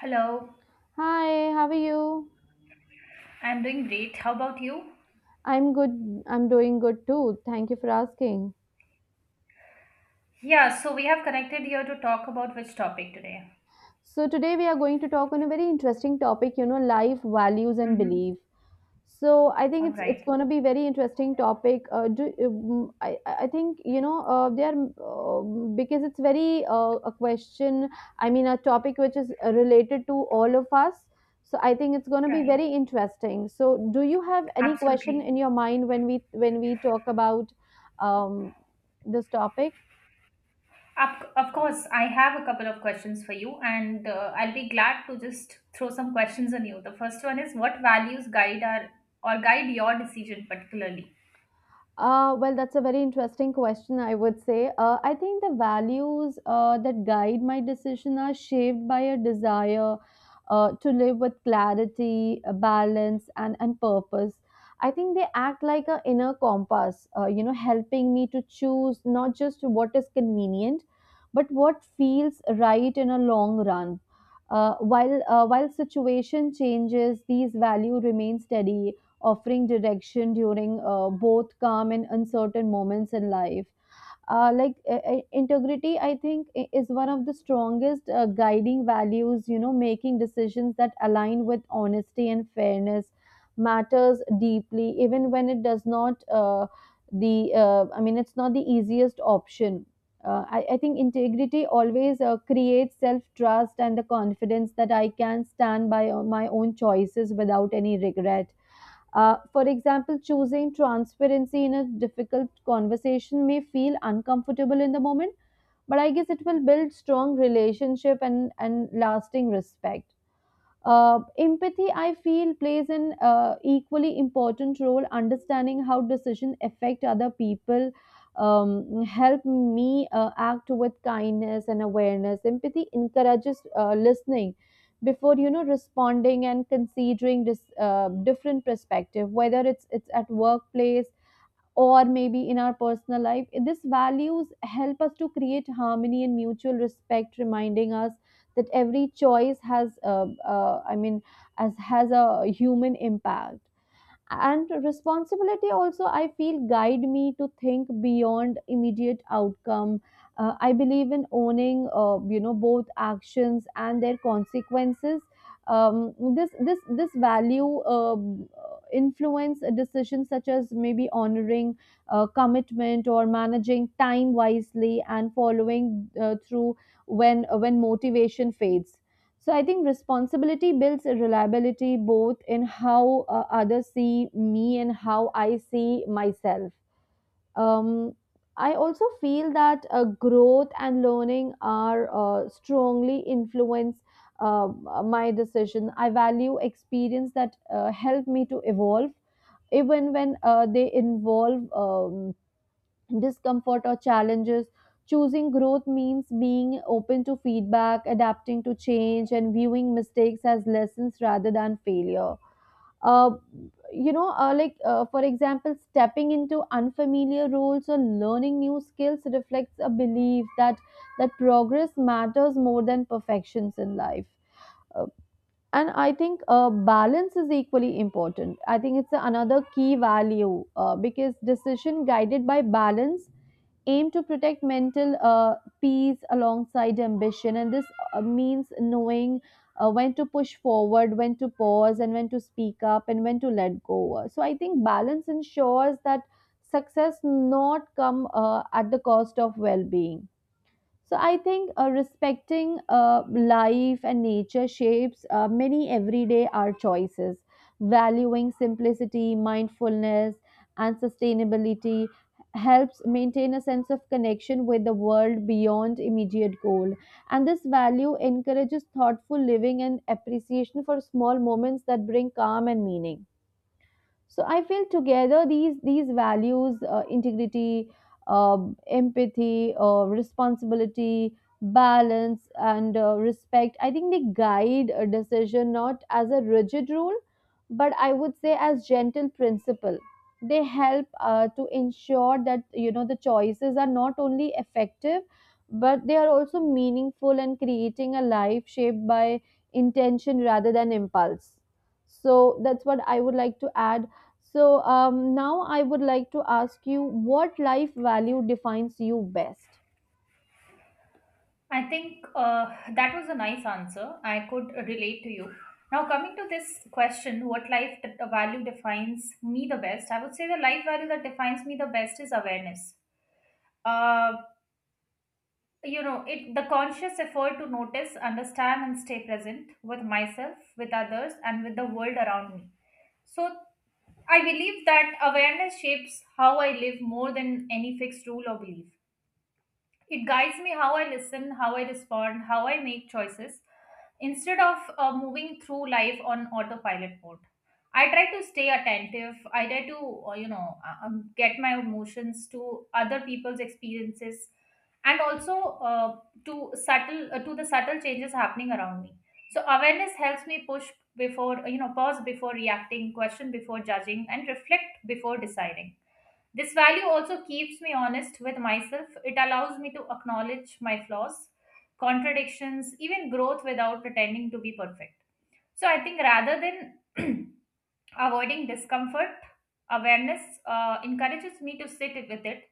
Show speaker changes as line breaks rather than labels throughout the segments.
Hello,
Hi, how are you?
I'm doing great. How about you?
I'm good. I'm doing good too. Thank you for asking.
Yeah, so we have connected here to talk about which topic today?
So, today we are going to talk on a very interesting topic, you know, life, values, and
Mm-hmm.
belief. So I think
All
it's
right,
going to be very interesting topic. Do, I think you know they are because it's very a question. I mean a topic which is related to all of us. So I think it's going to be
right,
very interesting. So do you have any question
absolutely.
in your mind when we talk about um, this topic?
Of course, I have a couple of questions for you, and I'll be glad to just throw some questions on you. The first one is what values guide our or guide your decision particularly?
Well, that's a very interesting question, I would say. I think the values that guide my decision are shaped by a desire to live with clarity, balance, and purpose. I think they act like an inner compass, you know, helping me to choose not just what is convenient, but what feels right in a long run. While situation changes, these value remain steady, offering direction during both calm and uncertain moments in life. Integrity, I think is one of the strongest guiding values. You know, making decisions that align with honesty and fairness matters deeply, even when it does not. The I mean, it's not the easiest option. I think integrity always creates self trust and the confidence that I can stand by my own choices without any regret. For example, choosing transparency in a difficult conversation may feel uncomfortable in the moment, but I guess it will build strong relationship and lasting respect. Empathy, I feel, plays an equally important role. Understanding how decisions affect other people help me act with kindness and awareness. Empathy encourages listening before, you know, responding and considering this different perspective, whether it's at workplace or maybe in our personal life. These values help us to create harmony and mutual respect, reminding us that every choice I mean, as has a human impact. And responsibility also I feel guide me to think beyond immediate outcome. I believe in owning you know both actions and their consequences. This value influence decisions such as maybe honoring commitment or managing time wisely and following through when motivation fades. So I think responsibility builds reliability both in how others see me and how I see myself. Um, I also feel that growth and learning are strongly influence uh, my decision. I value experience that help me to evolve, even when they involve discomfort or challenges. Choosing growth means being open to feedback, adapting to change, and viewing mistakes as lessons rather than failure. Uh, for example, stepping into unfamiliar roles or learning new skills reflects a belief that progress matters more than perfections in life. Uh, and I think balance is equally important. I think it's another key value because decision guided by balance aim to protect mental peace alongside ambition. And this means knowing when to push forward, when to pause, and when to speak up and when to let go. So I think balance ensures that success not come at the cost of well-being. So I think respecting life and nature shapes many everyday our choices. Valuing simplicity, mindfulness, and sustainability helps maintain a sense of connection with the world beyond immediate goal. And this value encourages thoughtful living and appreciation for small moments that bring calm and meaning. So I feel together these values, integrity, uh, empathy, responsibility, balance, and respect, I think they guide a decision not as a rigid rule, but I would say as gentle principle. They help to ensure that you know the choices are not only effective, but they are also meaningful, and creating a life shaped by intention rather than impulse. So that's what I would like to add. So now I would like to ask you, what life value defines you best?
I think that was a nice answer. I could relate to you. Now, coming to this question, what life value defines me the best? I would say the life value that defines me the best is awareness. Uh, it the conscious effort to notice, understand, and stay present with myself, with others, and with the world around me. So, I believe that awareness shapes how I live more than any fixed rule or belief. It guides me how I listen, how I respond, how I make choices instead of moving through life on autopilot mode. I try to stay attentive. I try to, you know, Get my emotions to other people's experiences and also uh, to the subtle changes happening around me. So awareness helps me push before, you know, pause before reacting, question before judging, and reflect before deciding. This value also keeps me honest with myself. It allows me to acknowledge my flaws, contradictions, even growth without pretending to be perfect. So I think rather than avoiding discomfort, awareness encourages me to sit with it,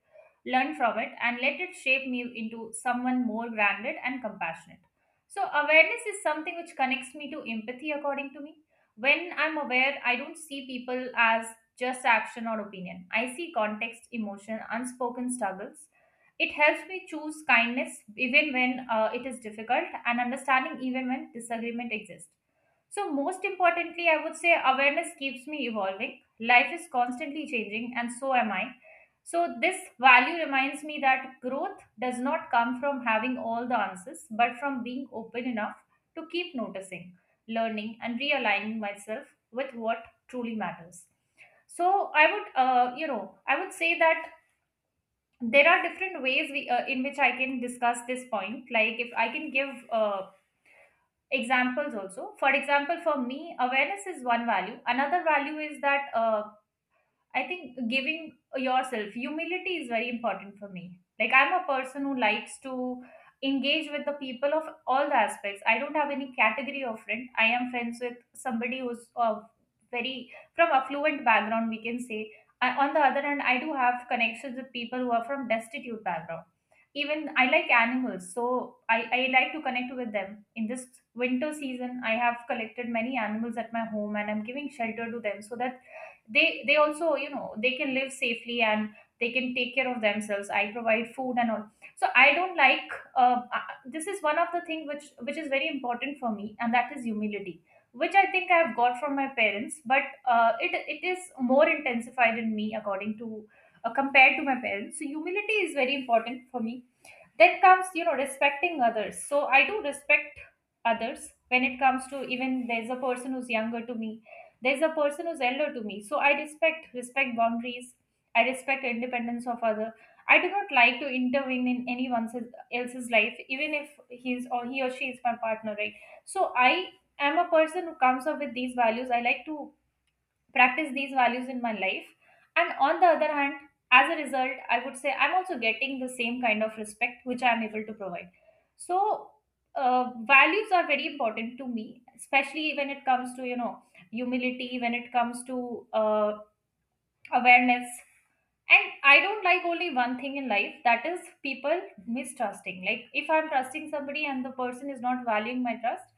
learn from it, and let it shape me into someone more grounded and compassionate. So, awareness is something which connects me to empathy, according to me. When I'm aware, I don't see people as just action or opinion. I see context, emotion, unspoken struggles. It helps me choose kindness even when it is difficult and understanding even when disagreement exists. So, most importantly, I would say awareness keeps me evolving. Life is constantly changing, and so am I. So, this value reminds me that growth does not come from having all the answers, but from being open enough to keep noticing, learning, and realigning myself with what truly matters. So, I would say that there are different ways in which I can discuss this point. Like, if I can give examples also. For example, for me awareness is one value. Another value is that I think giving yourself humility is very important for me. Like I'm a person who likes to engage with the people of all the aspects. I don't have any category of friend. I am friends with somebody who's of very from affluent background, we can say. I, on the other hand, I do have connections with people who are from destitute background. Even I like animals, so I like to connect with them. In this winter season, I have collected many animals at my home and I'm giving shelter to them so that they also, you know, they can live safely and they can take care of themselves. I provide food and all. So I don't like this is one of the thing which is very important for me, and that is humility, which I think I have got from my parents, but it is more intensified in me according to, compared to my parents. So humility is very important for me. Then comes, you know, respecting others. So I do respect others when it comes to, even there's a person who's younger to me, there's a person who's elder to me, so I respect boundaries. I respect independence of other. I do not like to intervene in anyone else's life, even if he's or he or she is my partner, right? So I am a person who comes up with these values. I like to practice these values in my life. And on the other hand, as a result, I would say I'm also getting the same kind of respect which I'm able to provide. So values are very important to me, especially when it comes to, you know, humility, when it comes to awareness. And I don't like only one thing in life, that is people mistrusting. Like if I'm trusting somebody and the person is not valuing my trust,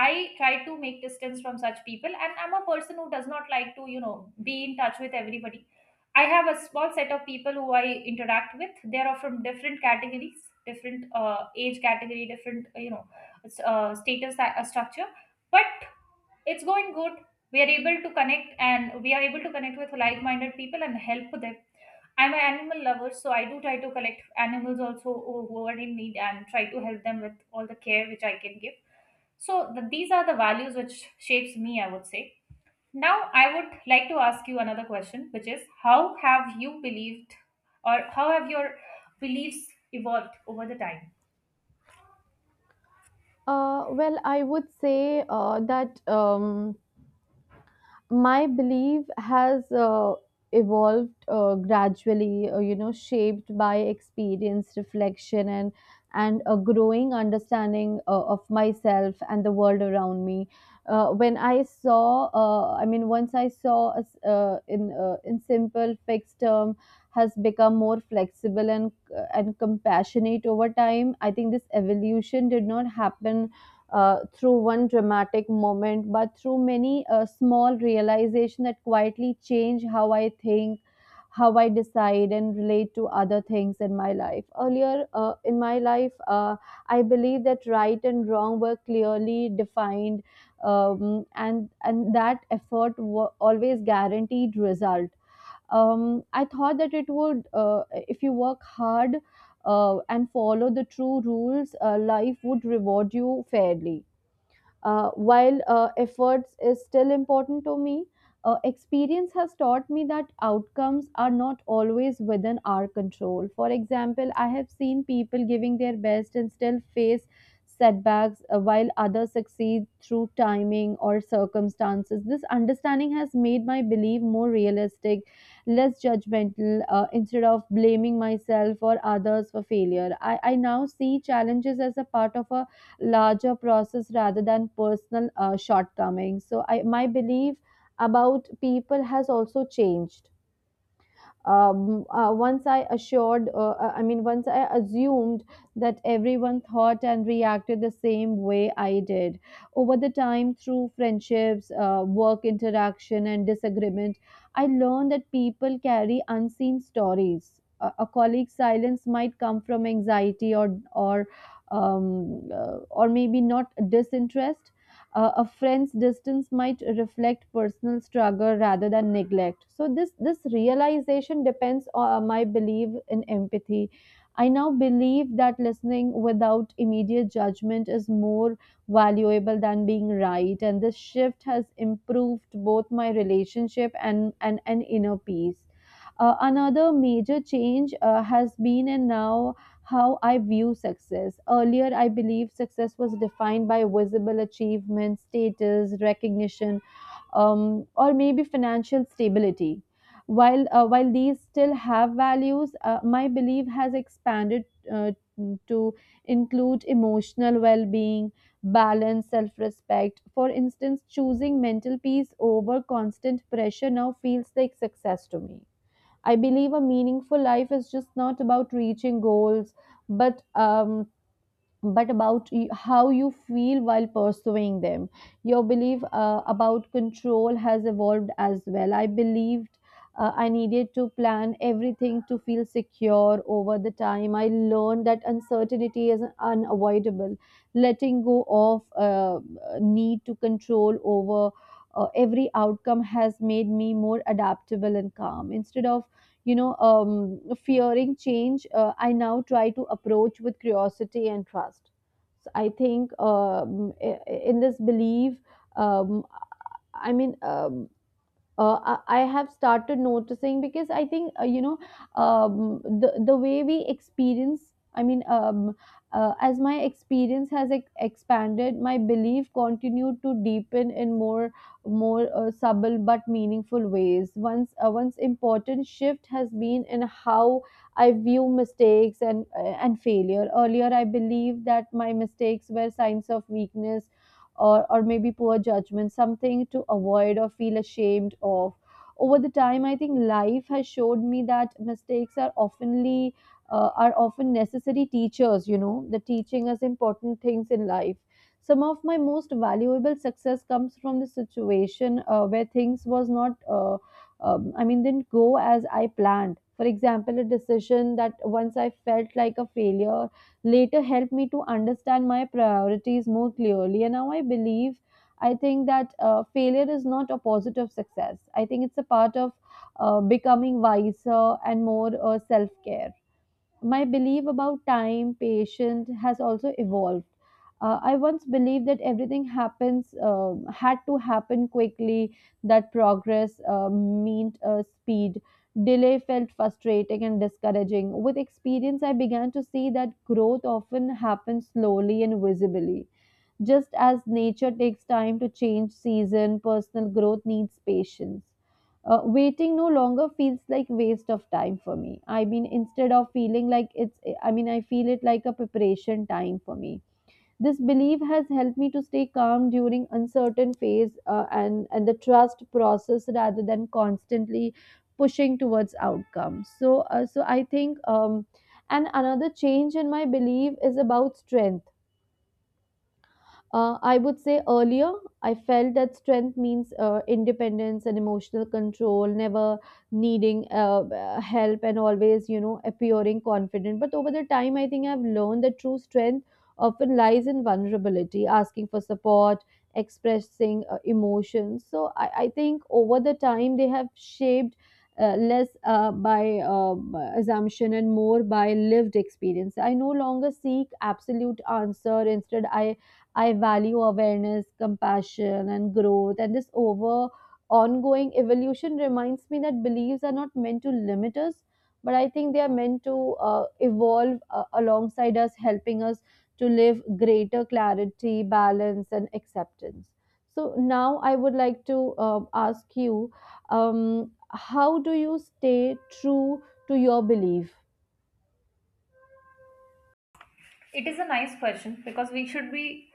I try to make distance from such people, and I'm a person who does not like to, you know, be in touch with everybody. I have a small set of people who I interact with. They are from different categories, different age category, different status structure. But it's going good. We are able to connect, and we are able to connect with like-minded people and help them. I'm an animal lover, so I do try to collect animals also who are in need and try to help them with all the care which I can give. So these are the values which shapes me, I would say. Now I would like to ask you another question, which is how have you believed or how have your beliefs evolved over the time?
Well, I would say that my belief has evolved gradually, you know, shaped by experience, reflection, and a growing understanding of myself and the world around me. Uh, when i saw uh, i mean, once I saw a s- in simple fixed term, has become more flexible and compassionate over time. I think this evolution did not happen through one dramatic moment, but through many small realization that quietly change how I think, how I decide, and relate to other things in my life. Earlier in my life, I believe that right and wrong were clearly defined, and that effort always guaranteed result. I thought that it would, if you work hard and follow the true rules, life would reward you fairly. While efforts is still important to me, experience has taught me that outcomes are not always within our control. For example, I have seen people giving their best and still face setbacks while others succeed through timing or circumstances. This understanding has made my belief more realistic, less judgmental. Instead of blaming myself or others for failure, I now see challenges as a part of a larger process rather than personal shortcomings. So I my belief about people has also changed. I mean, once I assumed that everyone thought and reacted the same way I did. Over the time, through friendships, work interaction, and disagreement, I learned that people carry unseen stories. A colleague's silence might come from anxiety or or maybe not disinterest. A friend's distance might reflect personal struggle rather than neglect. So this realization depends on my belief in empathy. I now believe that listening without immediate judgment is more valuable than being right, and this shift has improved both my relationship and inner peace. Another major change has been and now how I view success. Earlier, I believed success was defined by visible achievement, status, recognition, or maybe financial stability. While these still have values, my belief has expanded uh, to include emotional well-being, balance, self-respect. For instance, choosing mental peace over constant pressure now feels like success to me. I believe a meaningful life is just not about reaching goals, but about how you feel while pursuing them. Your belief about control has evolved as well. I believed I needed to plan everything to feel secure. Over the time, I learned that uncertainty is unavoidable. Letting go of need to control over every outcome has made me more adaptable and calm. Instead of, you know, fearing change, I now try to approach with curiosity and trust. So I think, in this belief, um, i mean um, I have started noticing, because I think you know, the way we experience, I mean, as my experience has expanded, my belief continued to deepen in more subtle but meaningful ways. Once once important shift has been in how I view mistakes and failure. Earlier, I believed that my mistakes were signs of weakness or maybe poor judgment, something to avoid or feel ashamed of. Over the time, I think life has showed me that mistakes are often necessary teachers. You know, the teaching us important things in life. Some of my most valuable success comes from the situation where things was not, I mean, didn't go as I planned. For example, a decision that once I felt like a failure later helped me to understand my priorities more clearly. And now I believe, I think that failure is not opposite of success. I think it's a part of becoming wiser and more self care. My belief about time, patience has also evolved. I once believed that everything happens had to happen quickly, that progress meant speed. Delay felt frustrating and discouraging. With experience, I began to see that growth often happens slowly and visibly. Just as nature takes time to change season, personal growth needs patience. Waiting no longer feels like waste of time for me. I mean, instead of feeling like I mean, I feel it like a preparation time for me. This belief has helped me to stay calm during uncertain phase and the trust process rather than constantly pushing towards outcomes. So I think. And another change in my belief is about strength. I would say earlier, I felt that strength means independence and emotional control, never needing help and always, appearing confident. But over the time, I think I've learned that true strength often lies in vulnerability, asking for support, expressing emotions. So I think over the time, they have shaped. Less by assumption and more by lived experience. I no longer seek absolute answer. Instead, I value awareness, compassion, and growth. And this over ongoing evolution reminds me that beliefs are not meant to limit us, but I think they are meant to evolve alongside us, helping us to live greater clarity, balance, and acceptance. So now I would like to ask you, um, how do you stay true to your belief?
It is a nice question because we should be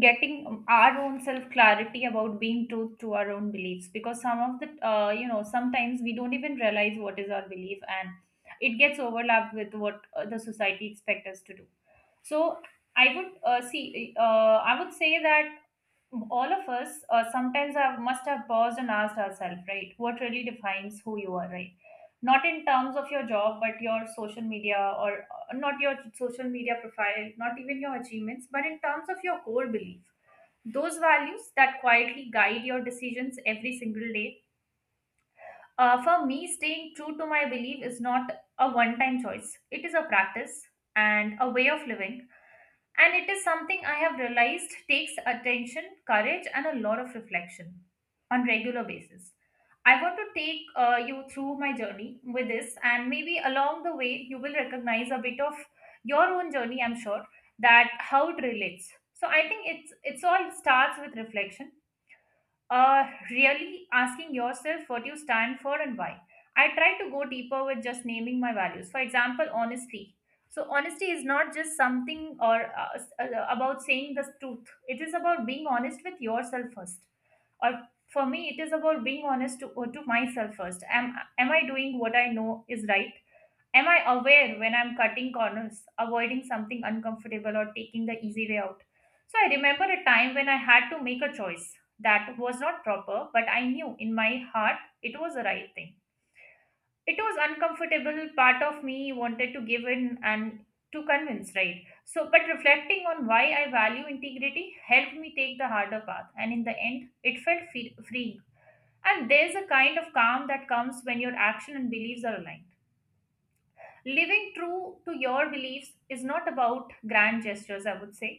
getting our own self clarity about being true to our own beliefs, because some of the you know, sometimes we don't even realize what is our belief, and it gets overlapped with what the society expects us to do. So I would, see I would say that all of us sometimes have must have paused and asked ourselves, right, what really defines who you are, right? Not in terms of your job but your social media, or not your social media profile, not even your achievements, but in terms of your core belief, those values that quietly guide your decisions every single day. For me, staying true to my belief is not a one time choice, it is a practice and a way of living. And it is something I have realized takes attention, courage, and a lot of reflection on regular basis. I want to take you through my journey with this, and maybe along the way you will recognize a bit of your own journey. I'm sure that how it relates. So I think it's all starts with reflection, uh, really asking yourself what you stand for and why. I try to go deeper with just naming my values. For example, honesty. So, honesty is not just something or about saying the truth, it is about being honest with yourself first. Or for me, it is about being honest to myself first. Am I doing what I know is right? Am I aware when I'm cutting corners, avoiding something uncomfortable, or taking the easy way out? So I remember a time when I had to make a choice that was not proper, but I knew in my heart it was the right thing. It was uncomfortable, part of me wanted to give in and to convince, right? So, but reflecting on why I value integrity helped me take the harder path, and in the end, it felt freeing. And there's a kind of calm that comes when your action and beliefs are aligned. Living true to your beliefs is not about grand gestures, I would say.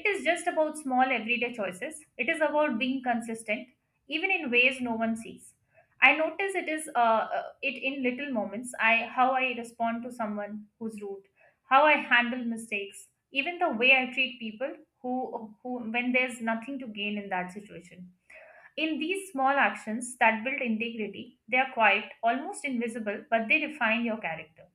It is just about small everyday choices. It is about being consistent even in ways no one sees. I notice it is it in little moments. I how I respond to someone who's rude, how I handle mistakes, even the way I treat people who who when there's nothing to gain in that situation, in these small actions that build integrity, they are quiet, almost invisible, but they define your character.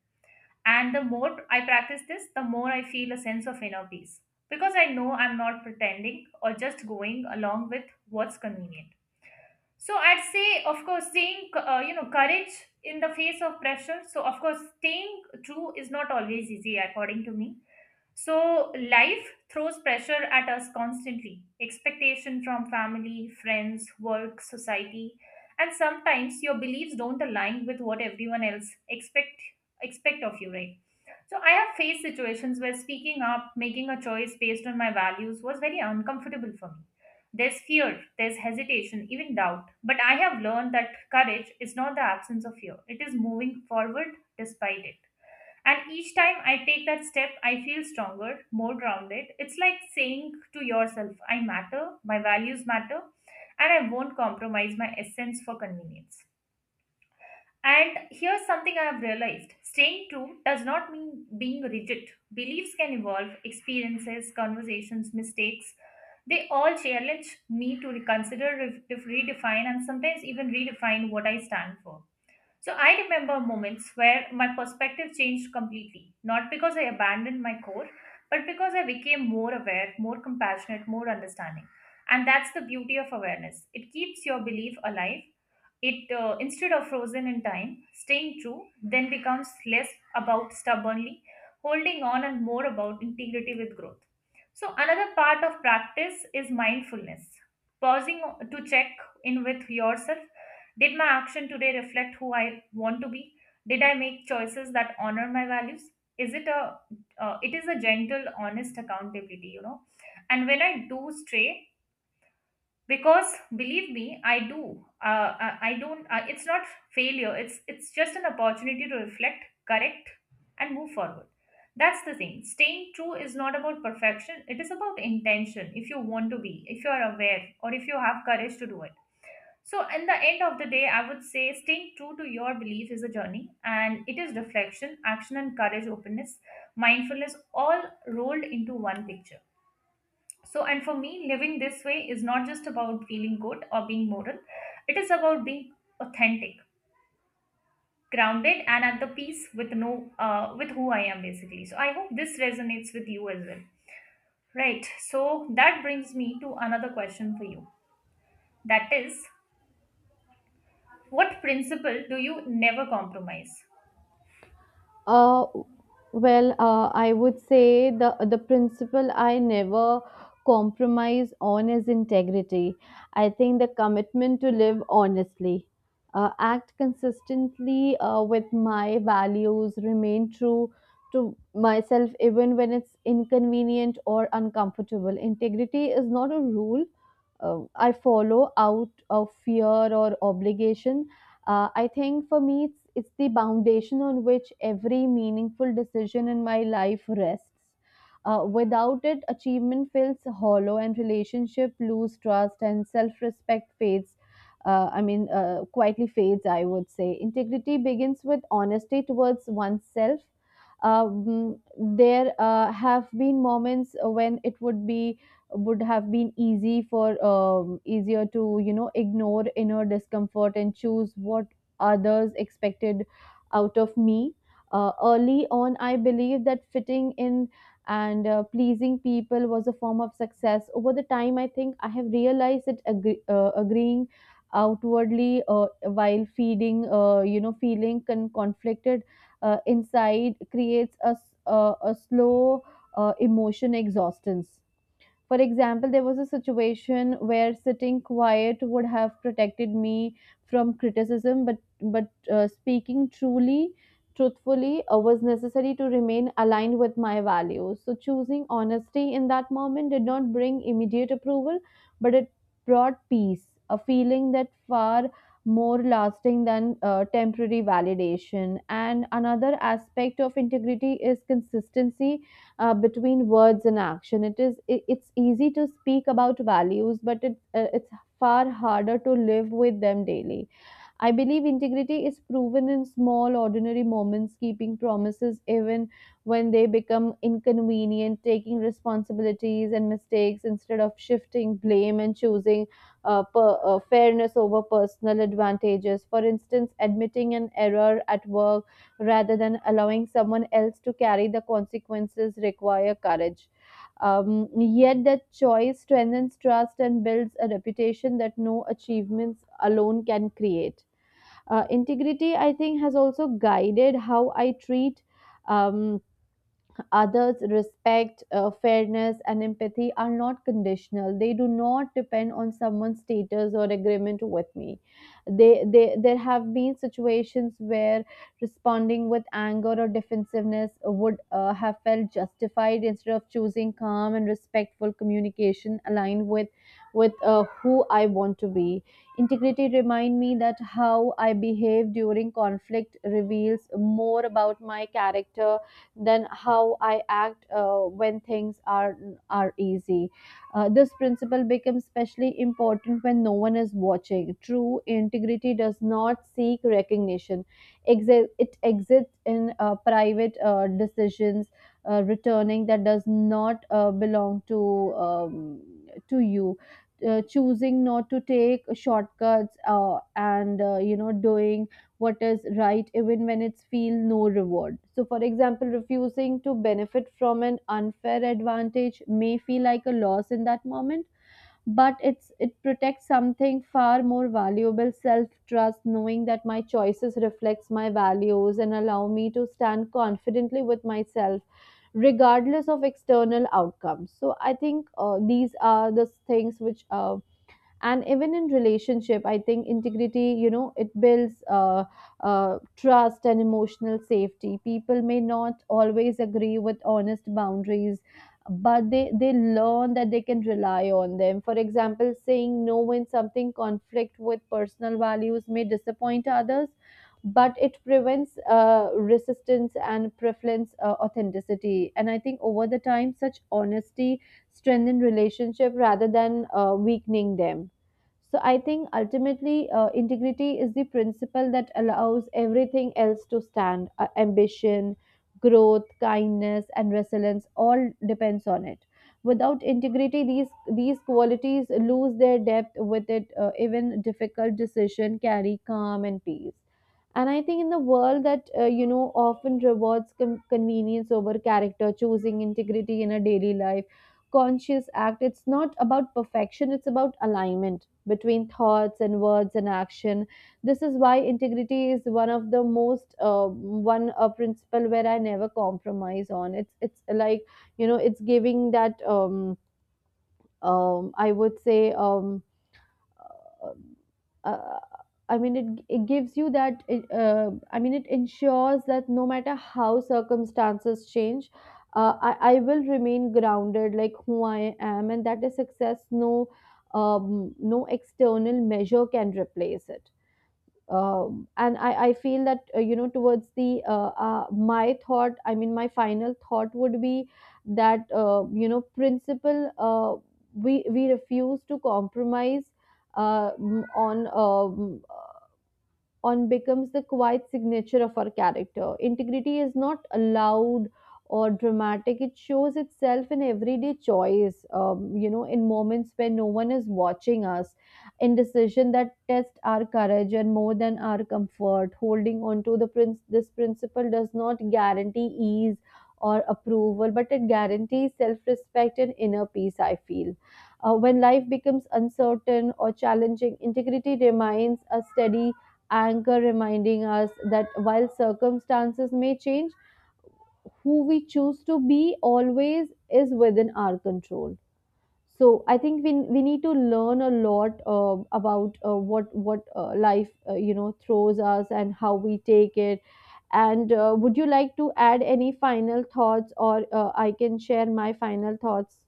And the more I practice this, the more I feel a sense of inner peace, because I know I'm not pretending or just going along with what's convenient. So I'd say, of course, seeing you know, courage in the face of pressure. So of course, staying true is not always easy, according to me. So life throws pressure at us constantly, expectation from family, friends, work, society, and sometimes your beliefs don't align with what everyone else expect of you, right? So I have faced situations where speaking up, making a choice based on my values was very uncomfortable for me. There's fear, there's hesitation, even doubt. But I have learned that courage is not the absence of fear, it is moving forward despite it. And each time I take that step, I feel stronger, more grounded. It's like saying to yourself, I matter, my values matter, and I won't compromise my essence for convenience. And here's something I have realized, staying true does not mean being rigid. Beliefs can evolve, experiences, conversations, mistakes. They all challenge me to reconsider, redefine, and sometimes even redefine what I stand for. So I remember moments where my perspective changed completely, not because I abandoned my core, but because I became more aware, more compassionate, more understanding. And that's the beauty of awareness. It keeps your belief alive, instead of frozen in time. Staying true then becomes less about stubbornly holding on and more about integrity with growth. So, another part of practice is mindfulness, pausing to check in with yourself. Did my action today reflect who I want to be? Did I make choices that honor my values? Is it a it is a gentle, honest accountability, you know. And when I do stray, because believe me I do, I don't it's not failure, it's just an opportunity to reflect, correct, and move forward. That's the thing, staying true is not about perfection, it is about intention, if you want to be, if you are aware or if you have courage to do it. So in the end of the day, I would say staying true to your belief is a journey, and it is reflection, action, and courage, openness, mindfulness, all rolled into one picture. So, and for me, living this way is not just about feeling good or being moral, it is about being authentic, grounded, and at the peace with no, with who I am basically. So, I hope this resonates with you as well. Right. So, that brings me to another question for you. That is, what principle do you never compromise?
Uh, I would say the principle I never compromise on is integrity. I think the commitment to live honestly, act consistently with my values, remain true to myself even when it's inconvenient or uncomfortable. Integrity is not a rule I follow out of fear or obligation. I think for me, it's the foundation on which every meaningful decision in my life rests. Without it, achievement feels hollow and relationship lose trust and self respect fades. Quietly fades, I would say. Integrity begins with honesty towards oneself. There have been moments when it would be would have been easy for easier to, you know, ignore inner discomfort and choose what others expected out of me. Early on, I believed that fitting in and pleasing people was a form of success. Over the time, I think I have realized that agreeing outwardly while feeding you know feeling conflicted inside creates a slow emotion exhaustion. For example, there was a situation where sitting quiet would have protected me from criticism, but speaking truthfully was necessary to remain aligned with my values. So choosing honesty in that moment did not bring immediate approval, but it brought peace, a feeling that far more lasting than temporary validation. And another aspect of integrity is consistency between words and action. It is it's easy to speak about values, but it's far harder to live with them daily. I believe integrity is proven in small, ordinary moments, keeping promises even when they become inconvenient, taking responsibilities and mistakes instead of shifting blame, and choosing fairness over personal advantages. For instance, admitting an error at work rather than allowing someone else to carry the consequences require courage. Yet that choice strengthens trust and builds a reputation that no achievements alone can create. Integrity, I think, has also guided how I treat um, others. Respect, fairness, and empathy are not conditional. They do not depend on someone's status or agreement with me. They there have been situations where responding with anger or defensiveness would have felt justified. Instead of choosing calm and respectful communication aligned with who I want to be, integrity remind me that how I behave during conflict reveals more about my character than how I act when things are easy. This principle becomes especially important when no one is watching. True integrity does not seek recognition. It exists in private decisions, returning that does not belong to you. Choosing not to take shortcuts and you know, doing what is right even when it's feel no reward. So for example, refusing to benefit from an unfair advantage may feel like a loss in that moment, but it protects something far more valuable: self trust, knowing that my choices reflects my values and allow me to stand confidently with myself regardless of external outcomes. So I think these are the things which and even in relationship, I think integrity, you know, it builds trust and emotional safety. People may not always agree with honest boundaries, but they learn that they can rely on them. For example, saying no when something conflict with personal values may disappoint others, but it prevents resistance and preference authenticity. And I think over the time, such honesty strengthen relationship rather than weakening them. So I think ultimately integrity is the principle that allows everything else to stand. Ambition, growth, kindness, and resilience all depends on it. Without integrity, these qualities lose their depth. With it, even difficult decision carry calm and peace. And I think in the world that you know often rewards convenience over character, choosing integrity in a daily life conscious act. It's not about perfection, it's about alignment between thoughts and words and action. This is why integrity is one of the most one principle where I never compromise on. It's like, you know, it's giving that I would say um uh, uh, I mean, it gives you that, it, I mean, it ensures that no matter how circumstances change, I will remain grounded like who I am, and that is success. No, no external measure can replace it. And I feel that towards the my final thought would be that, you know, principle we refuse to compromise uh, m- on um, on becomes the quiet signature of our character. Integrity is not loud or dramatic, it shows itself in everyday choice, you know, in moments where no one is watching us, in decision that test our courage and more than our comfort. Holding on to the this principle does not guarantee ease or approval, but it guarantees self respect and inner peace, I feel. When life becomes uncertain or challenging, integrity remains a steady anchor reminding us that while circumstances may change, who we choose to be always is within our control. So I think we need to learn a lot about what life, you know, throws us and how we take it. And would you like to add any final thoughts, or I can share my final thoughts?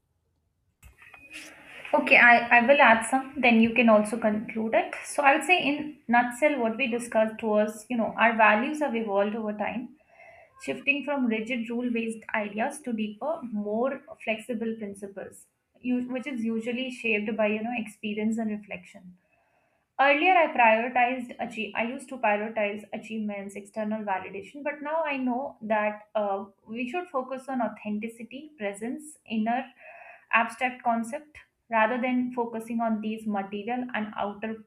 Okay, I will add some, then you can also conclude it. So I'll say in nutshell what we discussed was, you know, our values have evolved over time, shifting from rigid rule-based ideas to deeper, more flexible principles, which is usually shaped by, you know, experience and reflection. Earlier, I prioritized achieve. I used to prioritize achievements, external validation, but now I know that we should focus on authenticity, presence, inner abstract concept, rather than focusing on these material and outer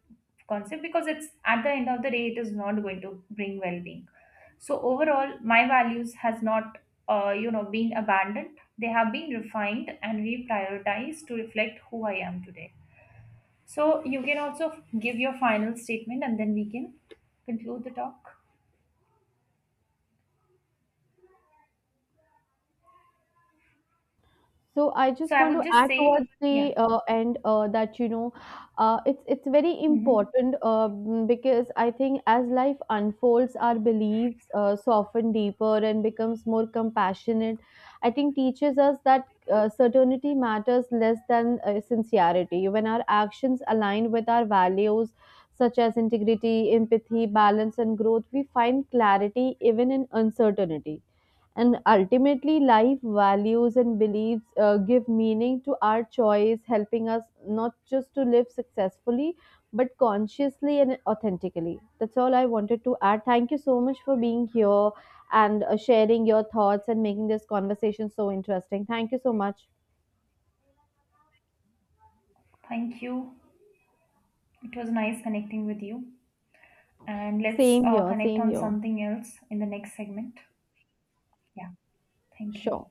concept, because it's at the end of the day, it is not going to bring well-being. So overall, my values has not, you know, been abandoned. They have been refined and reprioritized to reflect who I am today. So you can also give your final statement and then we can conclude the talk.
So I
So
just
I
want
would
to
just
add
say,
towards
yeah,
the end that, you know, it's very
hmm,
important, because I think as life unfolds, our beliefs soften deeper and becomes more compassionate. I think teaches us that certainty matters less than sincerity. When our actions align with our values, such as integrity, empathy, balance, and growth, we find clarity even in uncertainty. And ultimately, life values and beliefs give meaning to our choice, helping us not just to live successfully, but consciously and authentically. That's all I wanted to add. Thank you so much for being here and sharing your thoughts and making this conversation so interesting. Thank you so much.
thank you. It was nice connecting with you. And let's
Same here,
connect
same
on
here.
something else in the next segment. Yeah, thank you.
Sure.